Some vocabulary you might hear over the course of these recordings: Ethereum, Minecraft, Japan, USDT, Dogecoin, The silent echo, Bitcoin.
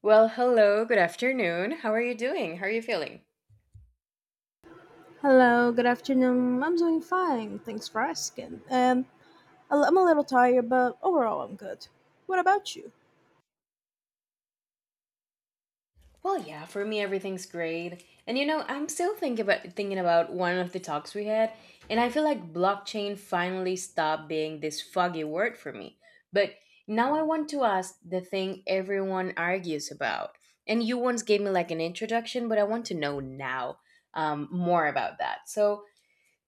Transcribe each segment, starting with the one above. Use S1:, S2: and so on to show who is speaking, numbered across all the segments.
S1: Well, hello, good afternoon. How are you doing? How are you feeling?
S2: Hello, good afternoon. I'm doing fine. Thanks for asking. And I'm a little tired, but overall, I'm good. What about you?
S1: Well, yeah, for me everything's great. And you know, I'm still thinking about one of the talks we had, and I feel like blockchain finally stopped being this foggy word for me. But now I want to ask the thing everyone argues about. And you once gave me like an introduction, but I want to know now more about that. So,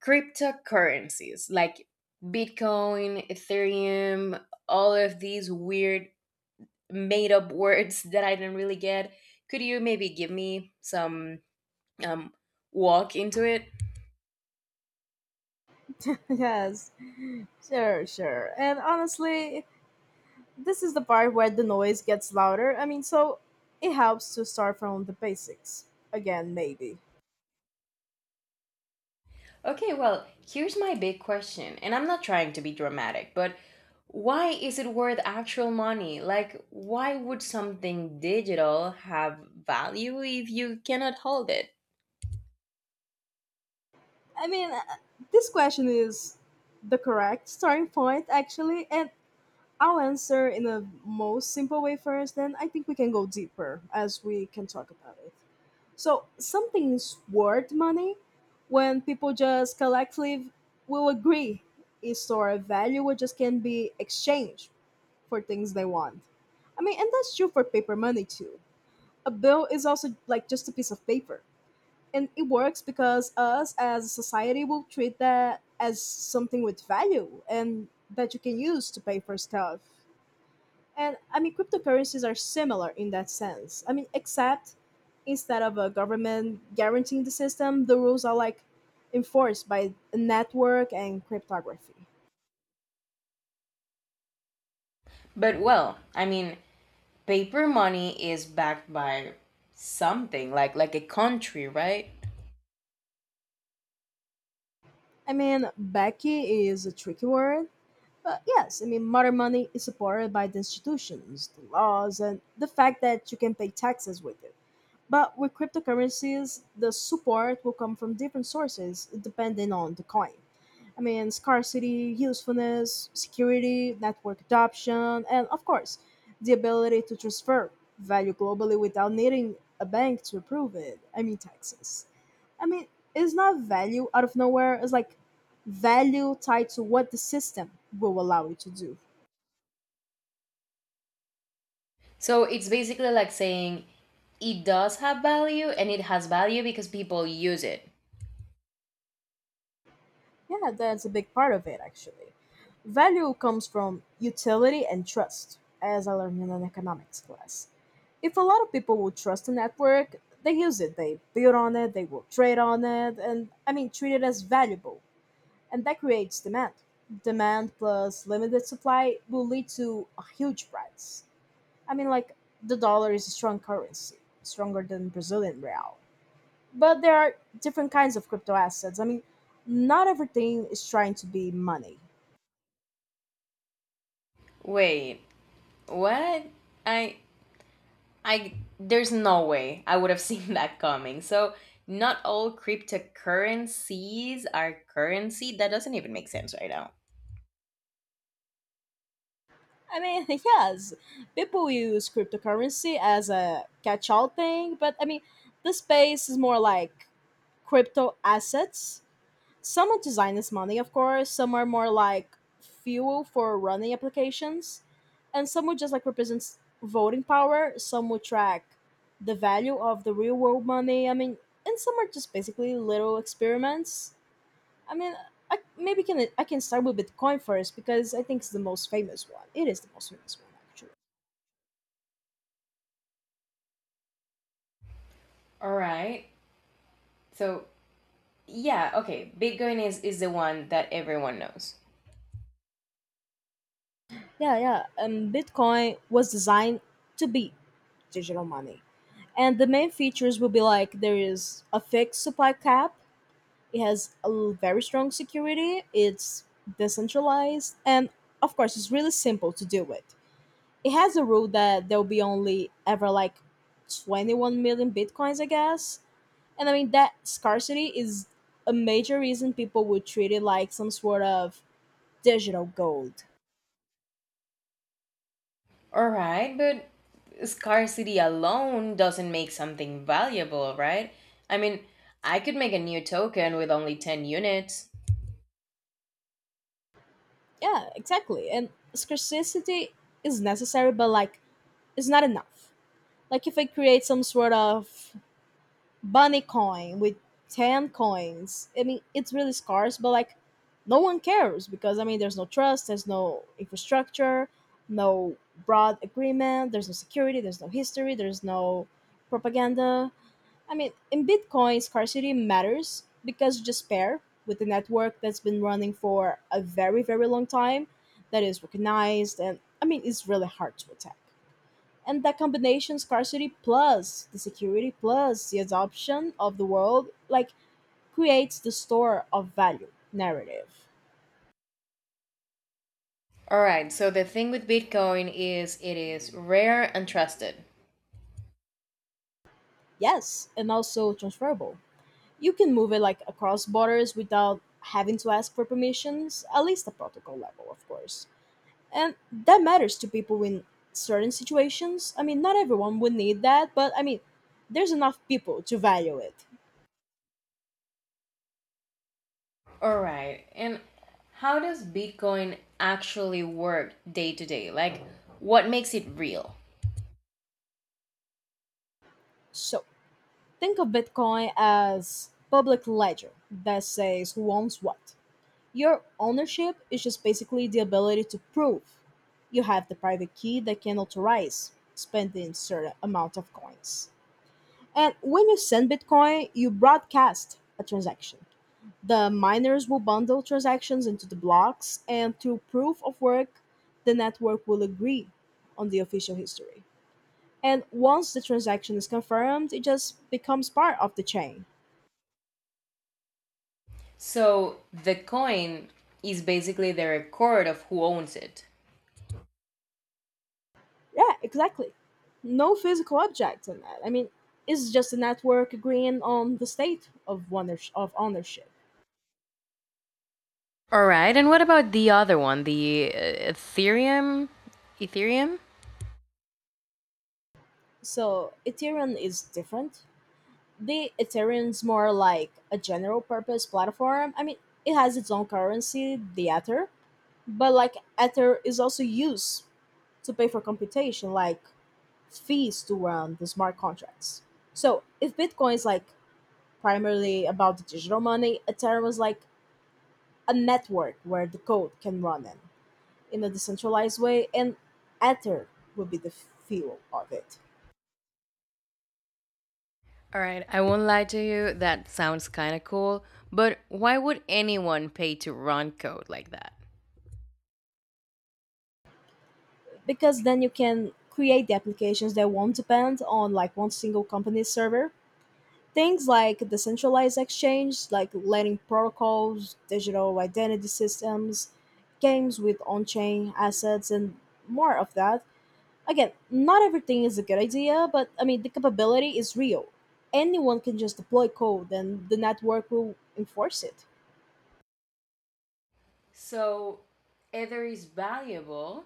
S1: cryptocurrencies like Bitcoin, Ethereum, all of these weird made up words that I didn't really get. Could you maybe give me some um, walk into it?
S2: Yes, sure, sure. And honestly, this is the part where the noise gets louder. So it helps to start from the basics again, maybe.
S1: Okay, well, here's my big question, and I'm not trying to be dramatic, but why is it worth actual money? Like, why would something digital have value if you cannot hold it?
S2: I mean, uh, this question is the correct starting point, actually. And I'll answer in the most simple way first, then I think we can go deeper as we can talk about it. So something's worth money when people just collectively will agree is or value which just can be exchanged for things they want. And that's true for paper money too. A bill is also like just a piece of paper. And it works because us as a society will treat that as something with value and that you can use to pay for stuff. And cryptocurrencies are similar in that sense. Except instead of a government guaranteeing the system, the rules are like enforced by a network and cryptography.
S1: But well, I mean, paper money is backed by something like a country, right?
S2: Becky is a tricky word, but yes, modern money is supported by the institutions, the laws, and the fact that you can pay taxes with it. But with cryptocurrencies, the support will come from different sources depending on the coin. Scarcity, usefulness, security, network adoption, and of course, the ability to transfer value globally without needing a bank to approve it. Taxes. I mean, it's not value out of nowhere. It's like value tied to what the system will allow you to do.
S1: So it's basically like saying it does have value and it has value because people use it.
S2: Yeah, that's a big part of it, actually. Value comes from utility and trust, as I learned in an economics class. If a lot of people will trust a network, they use it, they build on it, they will trade on it, and treat it as valuable. And that creates demand. Demand plus limited supply will lead to a huge price. I mean, like, the dollar is a strong currency, stronger than Brazilian real. But there are different kinds of crypto assets. Not everything is trying to be money.
S1: Wait, what? I I there's no way I would have seen that coming. So not all cryptocurrencies are currency. That doesn't even make sense right now.
S2: Yes, people use cryptocurrency as a catch all thing, but the space is more like crypto assets. Some are designed as money, of course, some are more like fuel for running applications, and some would just like represents voting power, some would track the value of the real world money. And some are just basically little experiments I mean, I maybe can I can start with Bitcoin first because I think it's the most famous one. It is the most famous one actually.
S1: All right. So yeah, okay. Bitcoin is the one that everyone knows.
S2: Yeah, yeah. Bitcoin was designed to be digital money, and the main features will be like there is a fixed supply cap. It has very strong security. It's decentralized, and of course, it's really simple to do it. It has a rule that there will be only ever like 21 million bitcoins, I guess. And that scarcity is a major reason people would treat it like some sort of digital gold.
S1: All right, but scarcity alone doesn't make something valuable, right? I mean, I could make a new token with only 10 units.
S2: Yeah, exactly. And scarcity is necessary, but like, it's not enough. Like, if I create some sort of bunny coin with 10 coins, it's really scarce, but like, no one cares because there's no trust, there's no infrastructure, no broad agreement, there's no security, there's no history, there's no propaganda. In Bitcoin, scarcity matters because you just pair with a network that's been running for a very, very long time, that is recognized, and it's really hard to attack. And that combination, scarcity plus the security plus the adoption of the world, like creates the store of value narrative.
S1: All right, so the thing with Bitcoin is it is rare and trusted.
S2: Yes, and also transferable. You can move it like across borders without having to ask for permissions, at least the protocol level, of course. And that matters to people in certain situations. Not everyone would need that, but there's enough people to value it.
S1: All right, and how does Bitcoin actually work day to day? Like, what makes it real?
S2: So think of Bitcoin as public ledger that says who owns what. Your ownership is just basically the ability to prove you have the private key that can authorize spending certain amount of coins. And when you send Bitcoin, you broadcast a transaction. The miners will bundle transactions into the blocks, and through proof of work, the network will agree on the official history. And once the transaction is confirmed, it just becomes part of the chain.
S1: So, the coin is basically the record of who owns it.
S2: Yeah, exactly. No physical object in that. It's just a network agreeing on the state of ownership. Of ownership.
S1: All right, and what about the other one, the Ethereum? Ethereum?
S2: So Ethereum is different. The Ethereum's more like a general purpose platform. It has its own currency, the Ether, but like Ether is also used to pay for computation, like fees to run the smart contracts. So if Bitcoin is like primarily about the digital money, Ethereum is like a network where the code can run in a decentralized way, and Ether would be the fuel of it.
S1: All right, I won't lie to you, that sounds kind of cool, but why would anyone pay to run code like that?
S2: Because then you can create the applications that won't depend on like one single company's server, things like decentralized exchange like lending protocols, digital identity systems, games with on-chain assets and more of that. Again, not everything is a good idea, but the capability is real. Anyone can just deploy code and the network will enforce it.
S1: So Ether is valuable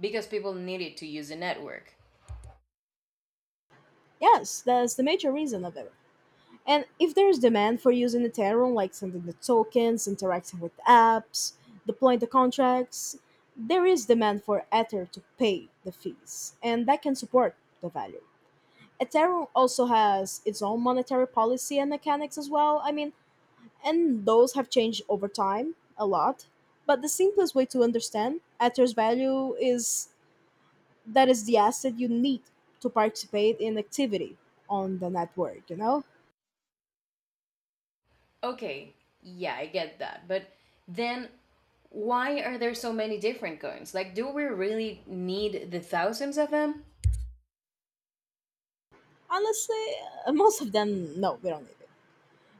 S1: because people need it to use the network.
S2: Yes, that's the major reason of it. And if there's demand for using Ethereum, like sending the tokens, interacting with apps, deploying the contracts, there is demand for Ether to pay the fees, and that can support the value. Ethereum also has its own monetary policy and mechanics as well. And those have changed over time a lot. But the simplest way to understand Ether's value is that is the asset you need to participate in activity on the network, you know?
S1: Okay, yeah, I get that. But then why are there so many different coins? Like, do we really need the thousands of them?
S2: Honestly, most of them, no, we don't need it.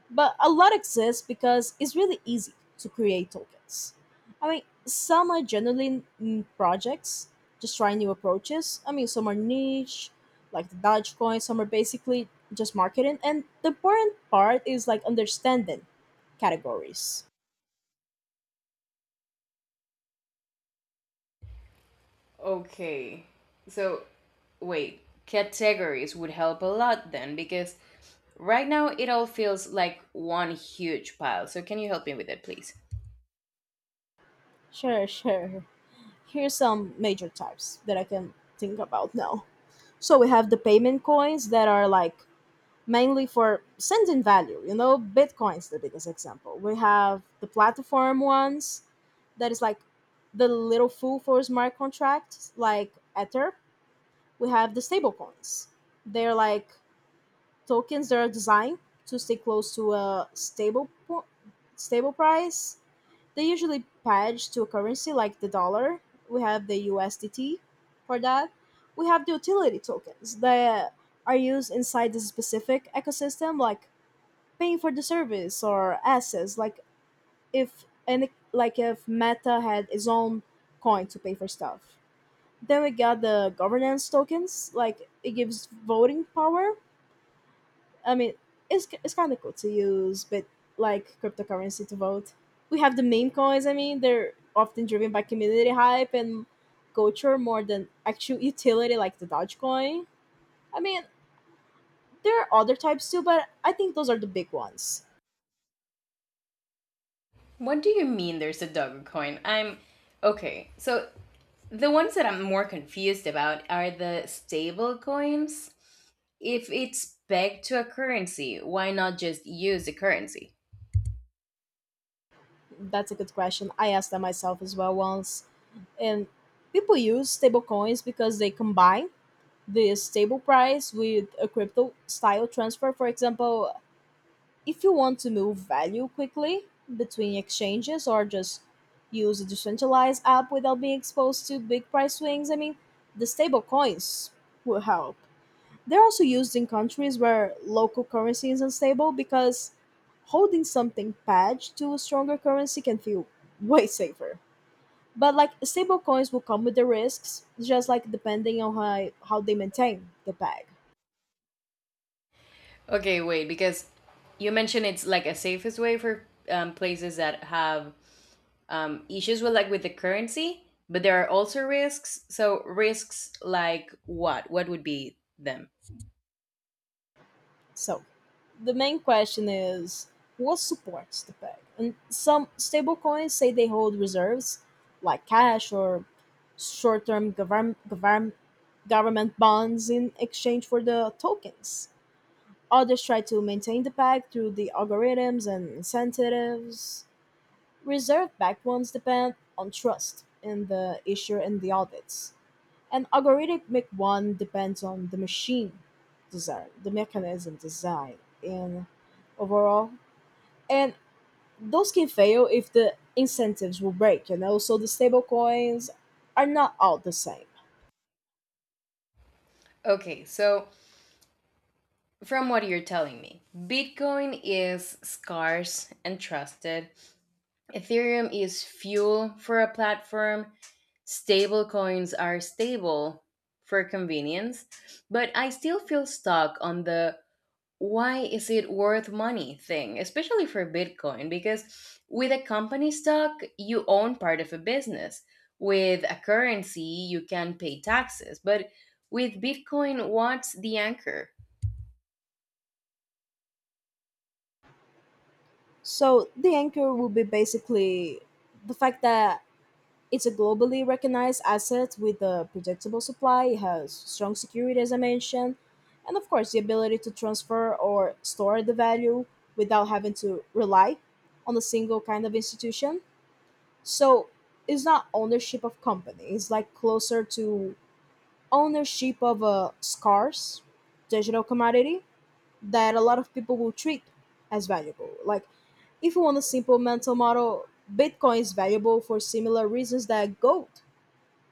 S2: But a lot exist because it's really easy to create tokens. Some are generally projects, just trying new approaches. Some are niche, like the Dogecoin, some are basically just marketing. And the important part is like understanding categories.
S1: Okay, so wait, categories would help a lot then because right now it all feels like one huge pile. So, can you help me with it, please?
S2: Sure, sure. Here's some major types that I can think about now. So we have the payment coins that are like mainly for sending value. You know, Bitcoin's the biggest example. We have the platform ones that is like the little fool for smart contracts, like Ether. We have the stable coins. They're like tokens that are designed to stay close to a stable price. They usually pledge to a currency like the dollar. We have the USDT for that. We have the utility tokens that are used inside the specific ecosystem, like paying for the service or assets. Like if any, like if Meta had its own coin to pay for stuff. Then we got the governance tokens, like it gives voting power. I mean, it's kind of cool to use, but like cryptocurrency to vote. We have the meme coins. They're often driven by community hype and culture more than actual utility, like the Dogecoin. I mean, there are other types too, but I think those are the big ones.
S1: What do you mean there's a dog coin? I'm okay, so the ones that I'm more confused about are the stable coins. If it's pegged to a currency, why not just use the currency?
S2: That's a good question. I asked that myself as well once, and people use stable coins because they combine the stable price with a crypto style transfer. For example, if you want to move value quickly between exchanges or just use a decentralized app without being exposed to big price swings, the stable coins will help. They're also used in countries where local currency is unstable because holding something pegged to a stronger currency can feel way safer. But like stable coins will come with the risks, just like depending on how they maintain the peg.
S1: Okay, wait, because you mentioned it's like a safest way for places that have issues with with the currency, but there are also risks. So risks like what? What would be them?
S2: So the main question is what supports the peg? And some stablecoins say they hold reserves like cash or short term government bonds in exchange for the tokens. Others try to maintain the peg through the algorithms and incentives. Reserve backed ones depend on trust in the issuer and the audits. An algorithmic one depends on the mechanism design, and overall. And those can fail if the incentives will break, you know. So the stable coins are not all the same.
S1: Okay, so from what you're telling me, Bitcoin is scarce and trusted. Ethereum is fuel for a platform. Stablecoins are stable for convenience. But I still feel stuck on the why is it worth money thing, especially for Bitcoin, because with a company stock, you own part of a business. With a currency, you can pay taxes. But with Bitcoin, what's the anchor?
S2: So the anchor will be basically the fact that it's a globally recognized asset with a predictable supply, it has strong security, as I mentioned, and of course, the ability to transfer or store the value without having to rely on a single kind of institution. So it's not ownership of company, it's like closer to ownership of a scarce digital commodity that a lot of people will treat as valuable. Like, if you want a simple mental model, Bitcoin is valuable for similar reasons that gold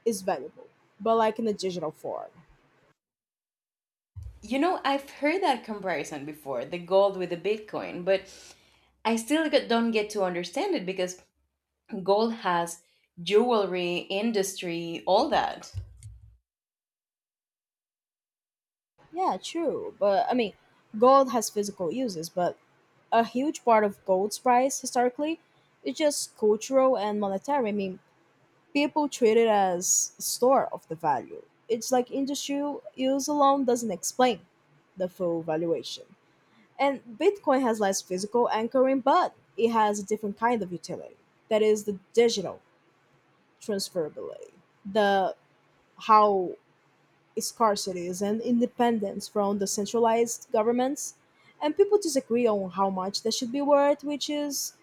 S2: is valuable, but like in a digital form.
S1: You know, I've heard that comparison before, the gold with the Bitcoin, but don't get to understand it because gold has jewelry, industry, all that.
S2: Yeah, true. But gold has physical uses, but a huge part of gold's price historically is just cultural and monetary. People treat it as a store of the value. It's like industrial use alone doesn't explain the full valuation. And Bitcoin has less physical anchoring, but it has a different kind of utility. That is the digital transferability. The how scarcities and independence from the centralized governments, and people disagree on how much they should be worth, which is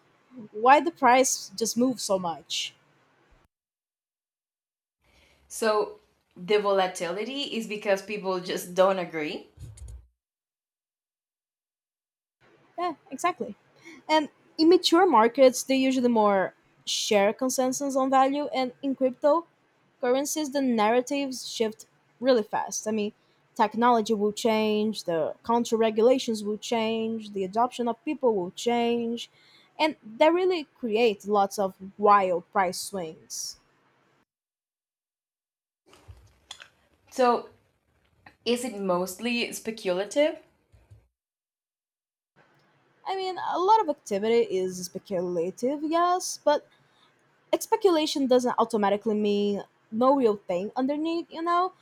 S2: why the price just moves so much.
S1: So the volatility is because people just don't agree.
S2: Yeah, exactly. And in mature markets, they usually more share consensus on value. And in cryptocurrencies, the narratives shift really fast. Technology will change, the country regulations will change, the adoption of people will change, and that really creates lots of wild price swings.
S1: So is it mostly speculative?
S2: A lot of activity is speculative, yes, but speculation doesn't automatically mean no real thing underneath,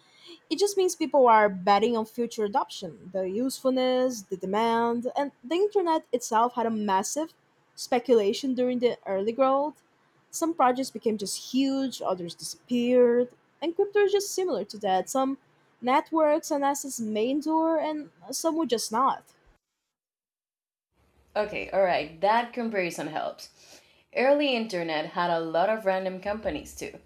S2: It just means people are betting on future adoption, the usefulness, the demand, and the internet itself had a massive speculation during the early growth. Some projects became just huge, others disappeared, and crypto is just similar to that. Some networks and assets may endure, and some would just not.
S1: Okay, all right, that comparison helps. Early internet had a lot of random companies too.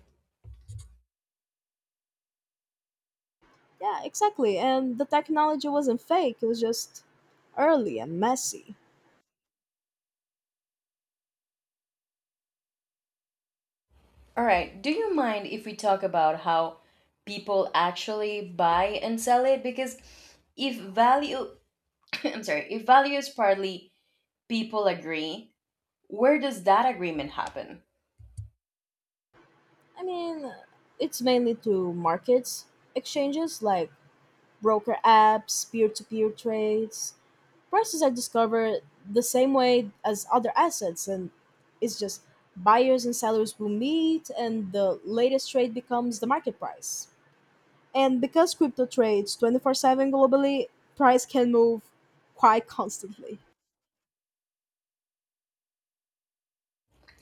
S2: Yeah, exactly. And the technology wasn't fake, it was just early and messy.
S1: All right. Do you mind if we talk about how people actually buy and sell it? Because if value, I'm sorry, if value is partly people agree, where does that agreement happen?
S2: I mean, it's mainly to markets, exchanges like broker apps, peer to peer trades. Prices are discovered the same way as other assets, and it's just buyers and sellers will meet, and the latest trade becomes the market price. And because crypto trades 24/7 globally, price can move quite constantly.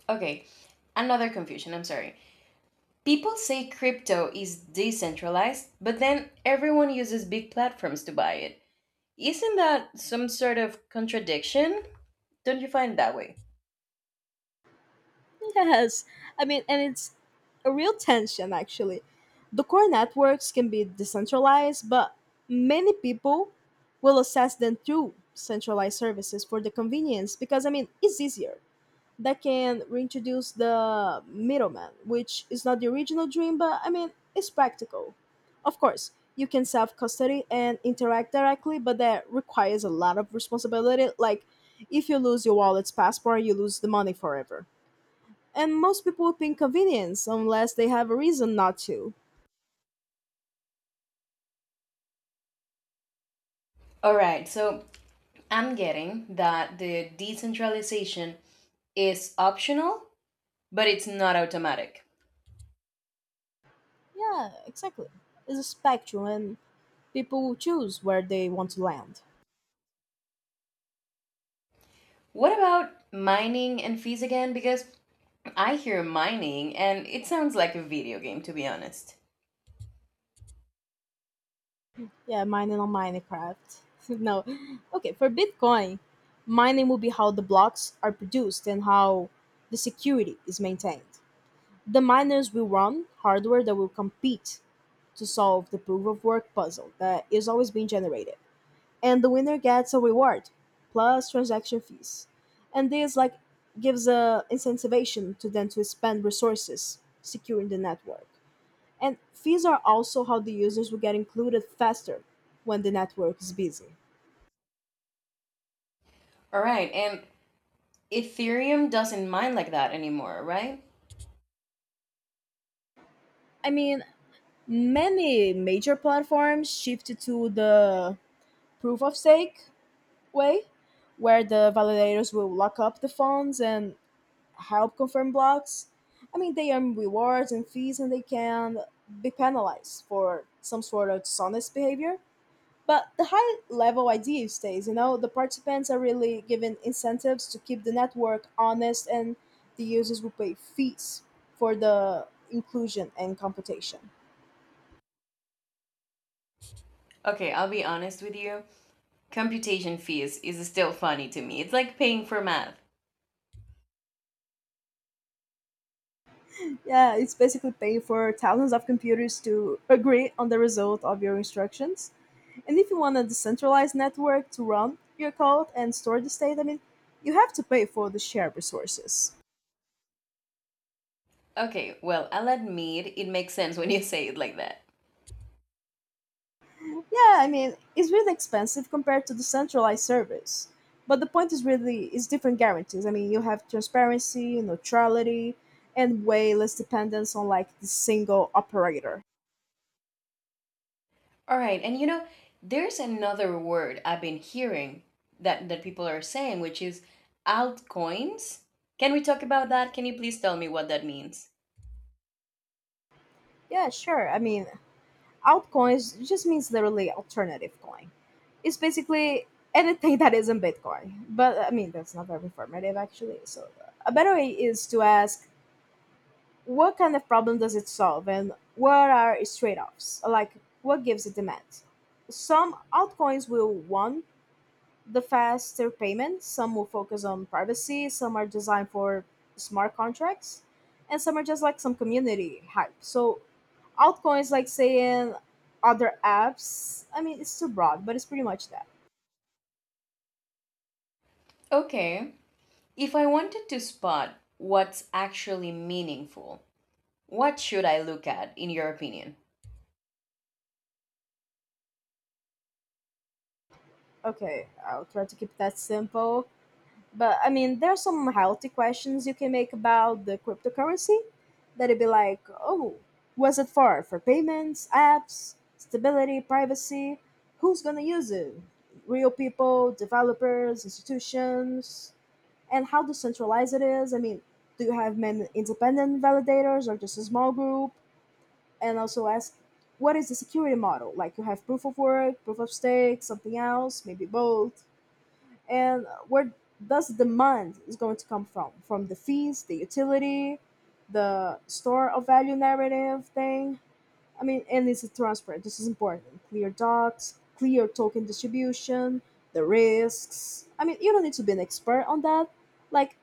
S1: Okay. Another confusion. I'm sorry. People say crypto is decentralized, but then everyone uses big platforms to buy it. Isn't that some sort of contradiction? Don't you find it that way?
S2: Yes, and it's a real tension actually. The core networks can be decentralized, but many people will access them through centralized services for the convenience because, it's easier. That can reintroduce the middleman, which is not the original dream, but it's practical. Of course, you can self custody and interact directly, but that requires a lot of responsibility. Like, if you lose your wallet's passport, you lose the money forever. And most people think convenience unless they have a reason not to.
S1: All right. So I'm getting that the decentralization is optional, but it's not automatic.
S2: Yeah, exactly. It's a spectrum, and people will choose where they want to land.
S1: What about mining and fees again? Because I hear mining and it sounds like a video game, to be honest.
S2: Yeah, mining on Minecraft. No. Okay, for Bitcoin, mining will be how the blocks are produced and how the security is maintained. The miners will run hardware that will compete to solve the proof of work puzzle that is always being generated. And the winner gets a reward plus transaction fees, and this like gives a incentivization to them to spend resources securing the network, and fees are also how the users will get included faster when the network is busy.
S1: All right, and Ethereum doesn't mine like that anymore, right?
S2: I mean, many major platforms shifted to the proof of stake way where the validators will lock up the funds and help confirm blocks. I mean, they earn rewards and fees and they can be penalized for some sort of dishonest behavior. But the high level idea stays, you know, the participants are really given incentives to keep the network honest and the users will pay fees for the inclusion and computation.
S1: Okay, I'll be honest with you. Computation fees is still funny to me. It's like paying for math.
S2: Yeah, it's basically paying for thousands of computers to agree on the result of your instructions. And if you want a decentralized network to run your code and store the state, you have to pay for the shared resources.
S1: Okay, well, I'll admit it makes sense when you say it like that.
S2: Yeah, it's really expensive compared to the centralized service. But the point is really is different guarantees. I mean, you have transparency, neutrality, and way less dependence on like the single operator.
S1: All right, and you know, there's another word I've been hearing that people are saying, which is altcoins. Can we talk about that? Can you please tell me what that means?
S2: Yeah, sure. I mean, altcoins just means literally alternative coin. It's basically anything that isn't Bitcoin. But that's not very informative actually. So a better way is to ask what kind of problem does it solve and what are its trade offs? Like, what gives it demand? Some altcoins will want the faster payments. Some will focus on privacy, some are designed for smart contracts, and some are just like some community hype. So altcoins like saying other apps, I mean it's too broad, but it's pretty much that.
S1: Okay. If I wanted to spot what's actually meaningful, what should I look at in your opinion?
S2: Okay, I'll try to keep that simple. But there are some healthy questions you can make about the cryptocurrency that'd be like, oh, what's it for? For payments, apps, stability, privacy? Who's gonna use it? Real people, developers, institutions, and how decentralized it is? I mean, do you have many independent validators or just a small group? And also ask, what is the security model? Like you have proof of work, proof of stake, something else, maybe both, and where does demand is going to come from? From the fees, the utility, the store of value narrative thing. I mean, and it's transparent. This is important. Clear docs, clear token distribution, the risks. I mean, you don't need to be an expert on that. Like,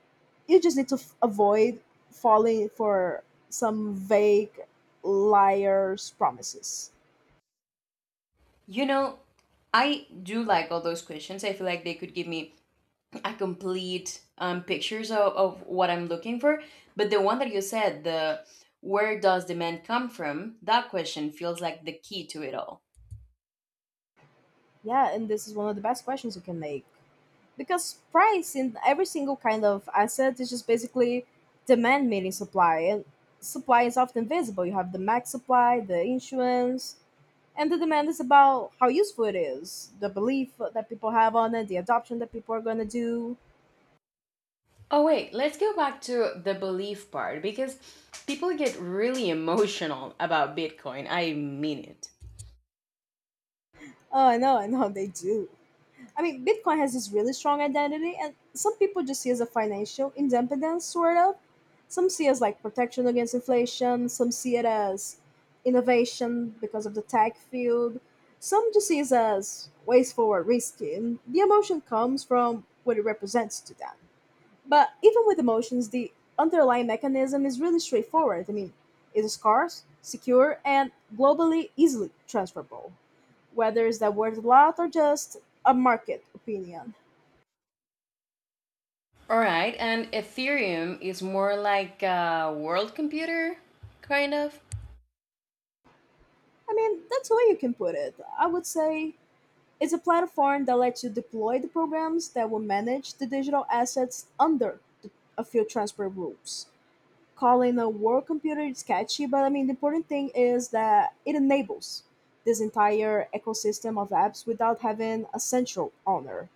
S2: you just need to avoid falling for some vague liar's promises.
S1: You know, I do like all those questions. I feel like they could give me a complete pictures of what I'm looking for. But the one that you said, the where does demand come from? That question feels like the key to it all.
S2: Yeah, and this is one of the best questions you can make, because price in every single kind of asset is just basically demand meeting supply, and supply is often visible. You have the max supply, the issuance, and the demand is about how useful it is, the belief that people have on it, the adoption that people are going to do.
S1: Oh, wait, let's go back to the belief part because people get really emotional about Bitcoin. I mean it.
S2: Oh, I know, I know, they do. I mean, Bitcoin has this really strong identity, and some people just see it as a financial independence, sort of. Some see it as like protection against inflation. Some see it as innovation because of the tech field. Some just see it as ways forward, risky, and the emotion comes from what it represents to them. But even with emotions, the underlying mechanism is really straightforward. It is scarce, secure, and globally easily transferable. Whether is that worth a lot or just a market opinion?
S1: All right, and Ethereum is more like a world computer, kind of.
S2: That's the way you can put it. I would say it's a platform that lets you deploy the programs that will manage the digital assets under the, a few transfer rules. Calling a work computer is catchy, but the important thing is that it enables this entire ecosystem of apps without having a central owner.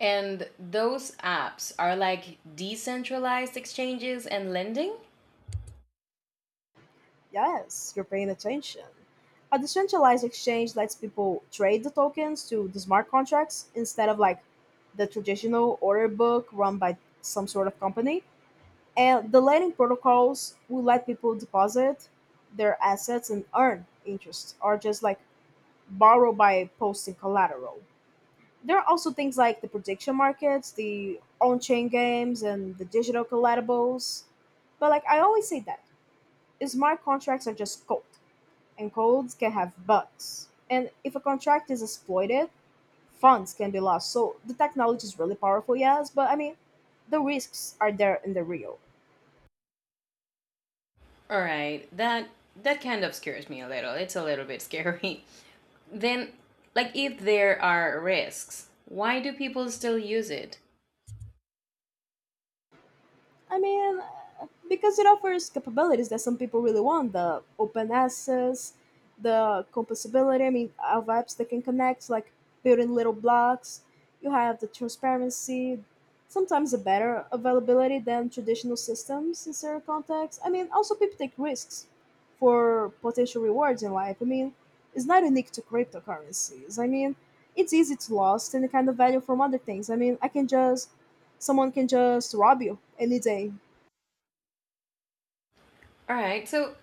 S1: And those apps are like decentralized exchanges and lending.
S2: Yes, you're paying attention. A decentralized exchange lets people trade the tokens to the smart contracts instead of like the traditional order book run by some sort of company. And the lending protocols will let people deposit their assets and earn interest or just like borrow by posting collateral. There are also things like the prediction markets, the on chain games, and the digital collectibles. But like I always say that smart contracts are just code, and codes can have bugs. And if a contract is exploited, funds can be lost. So the technology is really powerful, yes, but the risks are there in the real.
S1: All right, that kind of scares me a little. It's a little bit scary. Then, like, if there are risks, why do people still use it?
S2: I mean, because it offers capabilities that some people really want, the open access, the composability, I mean, of apps that can connect, like building little blocks. You have the transparency, sometimes a better availability than traditional systems in certain contexts. I mean, also people take risks for potential rewards in life. I mean, it's not unique to cryptocurrencies. I mean, it's easy to lost any kind of value from other things. I mean, I can just someone can just rob you any day.
S1: All right, so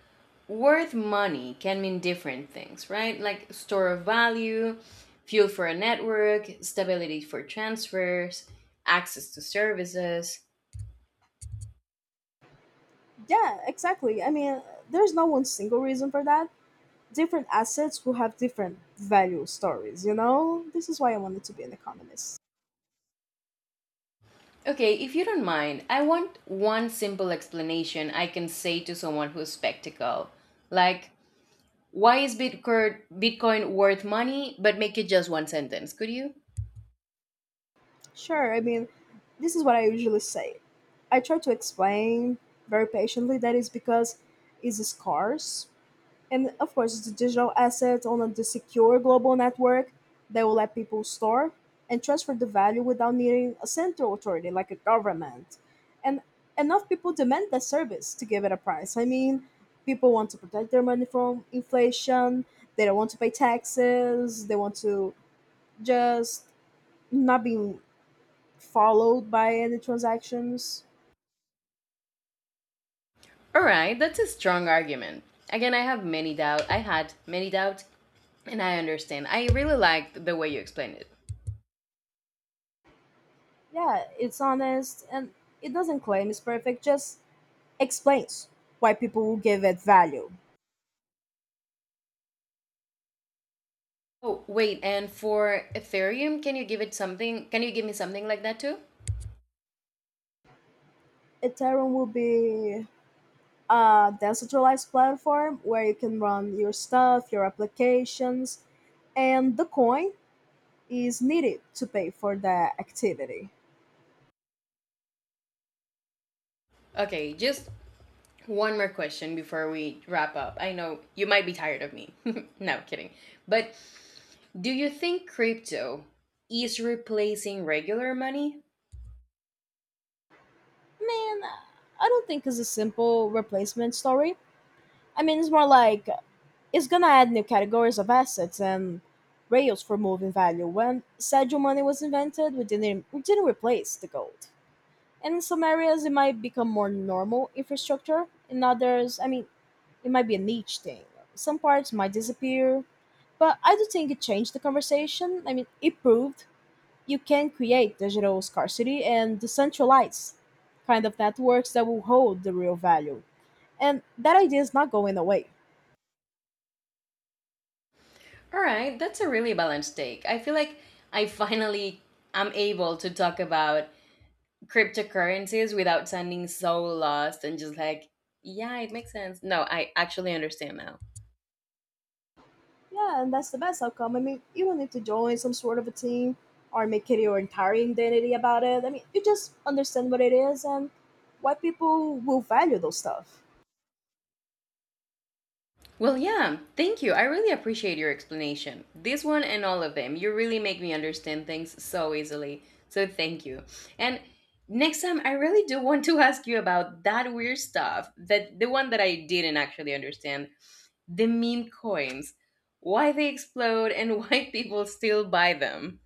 S1: worth money can mean different things, right? Like store of value, fuel for a network, stability for transfers, access to services.
S2: Yeah, exactly. There's no one single reason for that. Different assets will have different value stories, you know? This is why I wanted to be an economist.
S1: Okay, if you don't mind, I want one simple explanation I can say to someone who's skeptical. Like, why is Bitcoin worth money? But make it just one sentence, could you?
S2: Sure, I mean, this is what I usually say. I try to explain very patiently that is because it's scarce. And of course, it's a digital asset on a the secure global network that will let people store and transfer the value without needing a central authority like a government. And enough people demand that service to give it a price. I mean, people want to protect their money from inflation, they don't want to pay taxes, they want to just not being followed by any transactions.
S1: All right, that's a strong argument. Again, I have many doubt. I had many doubts, and I understand. I really liked the way you explained it.
S2: Yeah, it's honest and it doesn't claim it's perfect, just explains why people will give it value.
S1: Oh wait, and for Ethereum, can you give it something? Can you give me something like that too?
S2: Ethereum will be a decentralized platform where you can run your stuff, your applications, and the coin is needed to pay for that activity.
S1: Okay, just one more question before we wrap up. I know you might be tired of me. No kidding, but do you think crypto is replacing regular money?
S2: Man, I don't think it's a simple replacement story. It's more like it's gonna add new categories of assets and rails for moving value. When schedule money was invented, we didn't replace the gold. In some areas, it might become more normal infrastructure. In others, it might be a niche thing. Some parts might disappear. But I do think it changed the conversation. I mean, it proved you can create digital scarcity and decentralize kind of networks that will hold the real value. And that idea is not going away.
S1: All right, that's a really balanced take. I feel like I finally am able to talk about cryptocurrencies without sounding so lost and just like, yeah, it makes sense. No, I actually understand now.
S2: Yeah, and that's the best outcome. You don't need to join some sort of a team or make it your entire identity about it. You just understand what it is and why people will value those stuff.
S1: Well, yeah, thank you. I really appreciate your explanation. This one and all of them. You really make me understand things so easily. So thank you. And next time, I really do want to ask you about that weird stuff, that the one that I didn't actually understand, the meme coins, why they explode, and why people still buy them.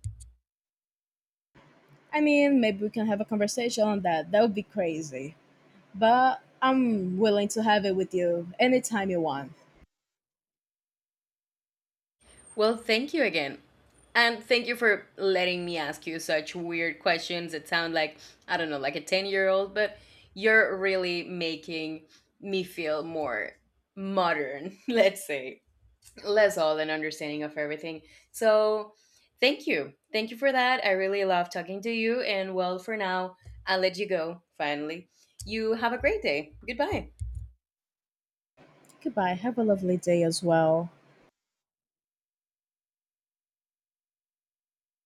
S2: Maybe we can have a conversation on that. That would be crazy. But I'm willing to have it with you anytime you want.
S1: Well, thank you again. And thank you for letting me ask you such weird questions that sound like, I don't know, like a 10-year-old, but you're really making me feel more modern, let's say, less old and understanding of everything. So thank you. Thank you for that. I really love talking to you. And well, for now, I'll let you go finally. You have a great day. Goodbye.
S2: Goodbye. Have a lovely day as well.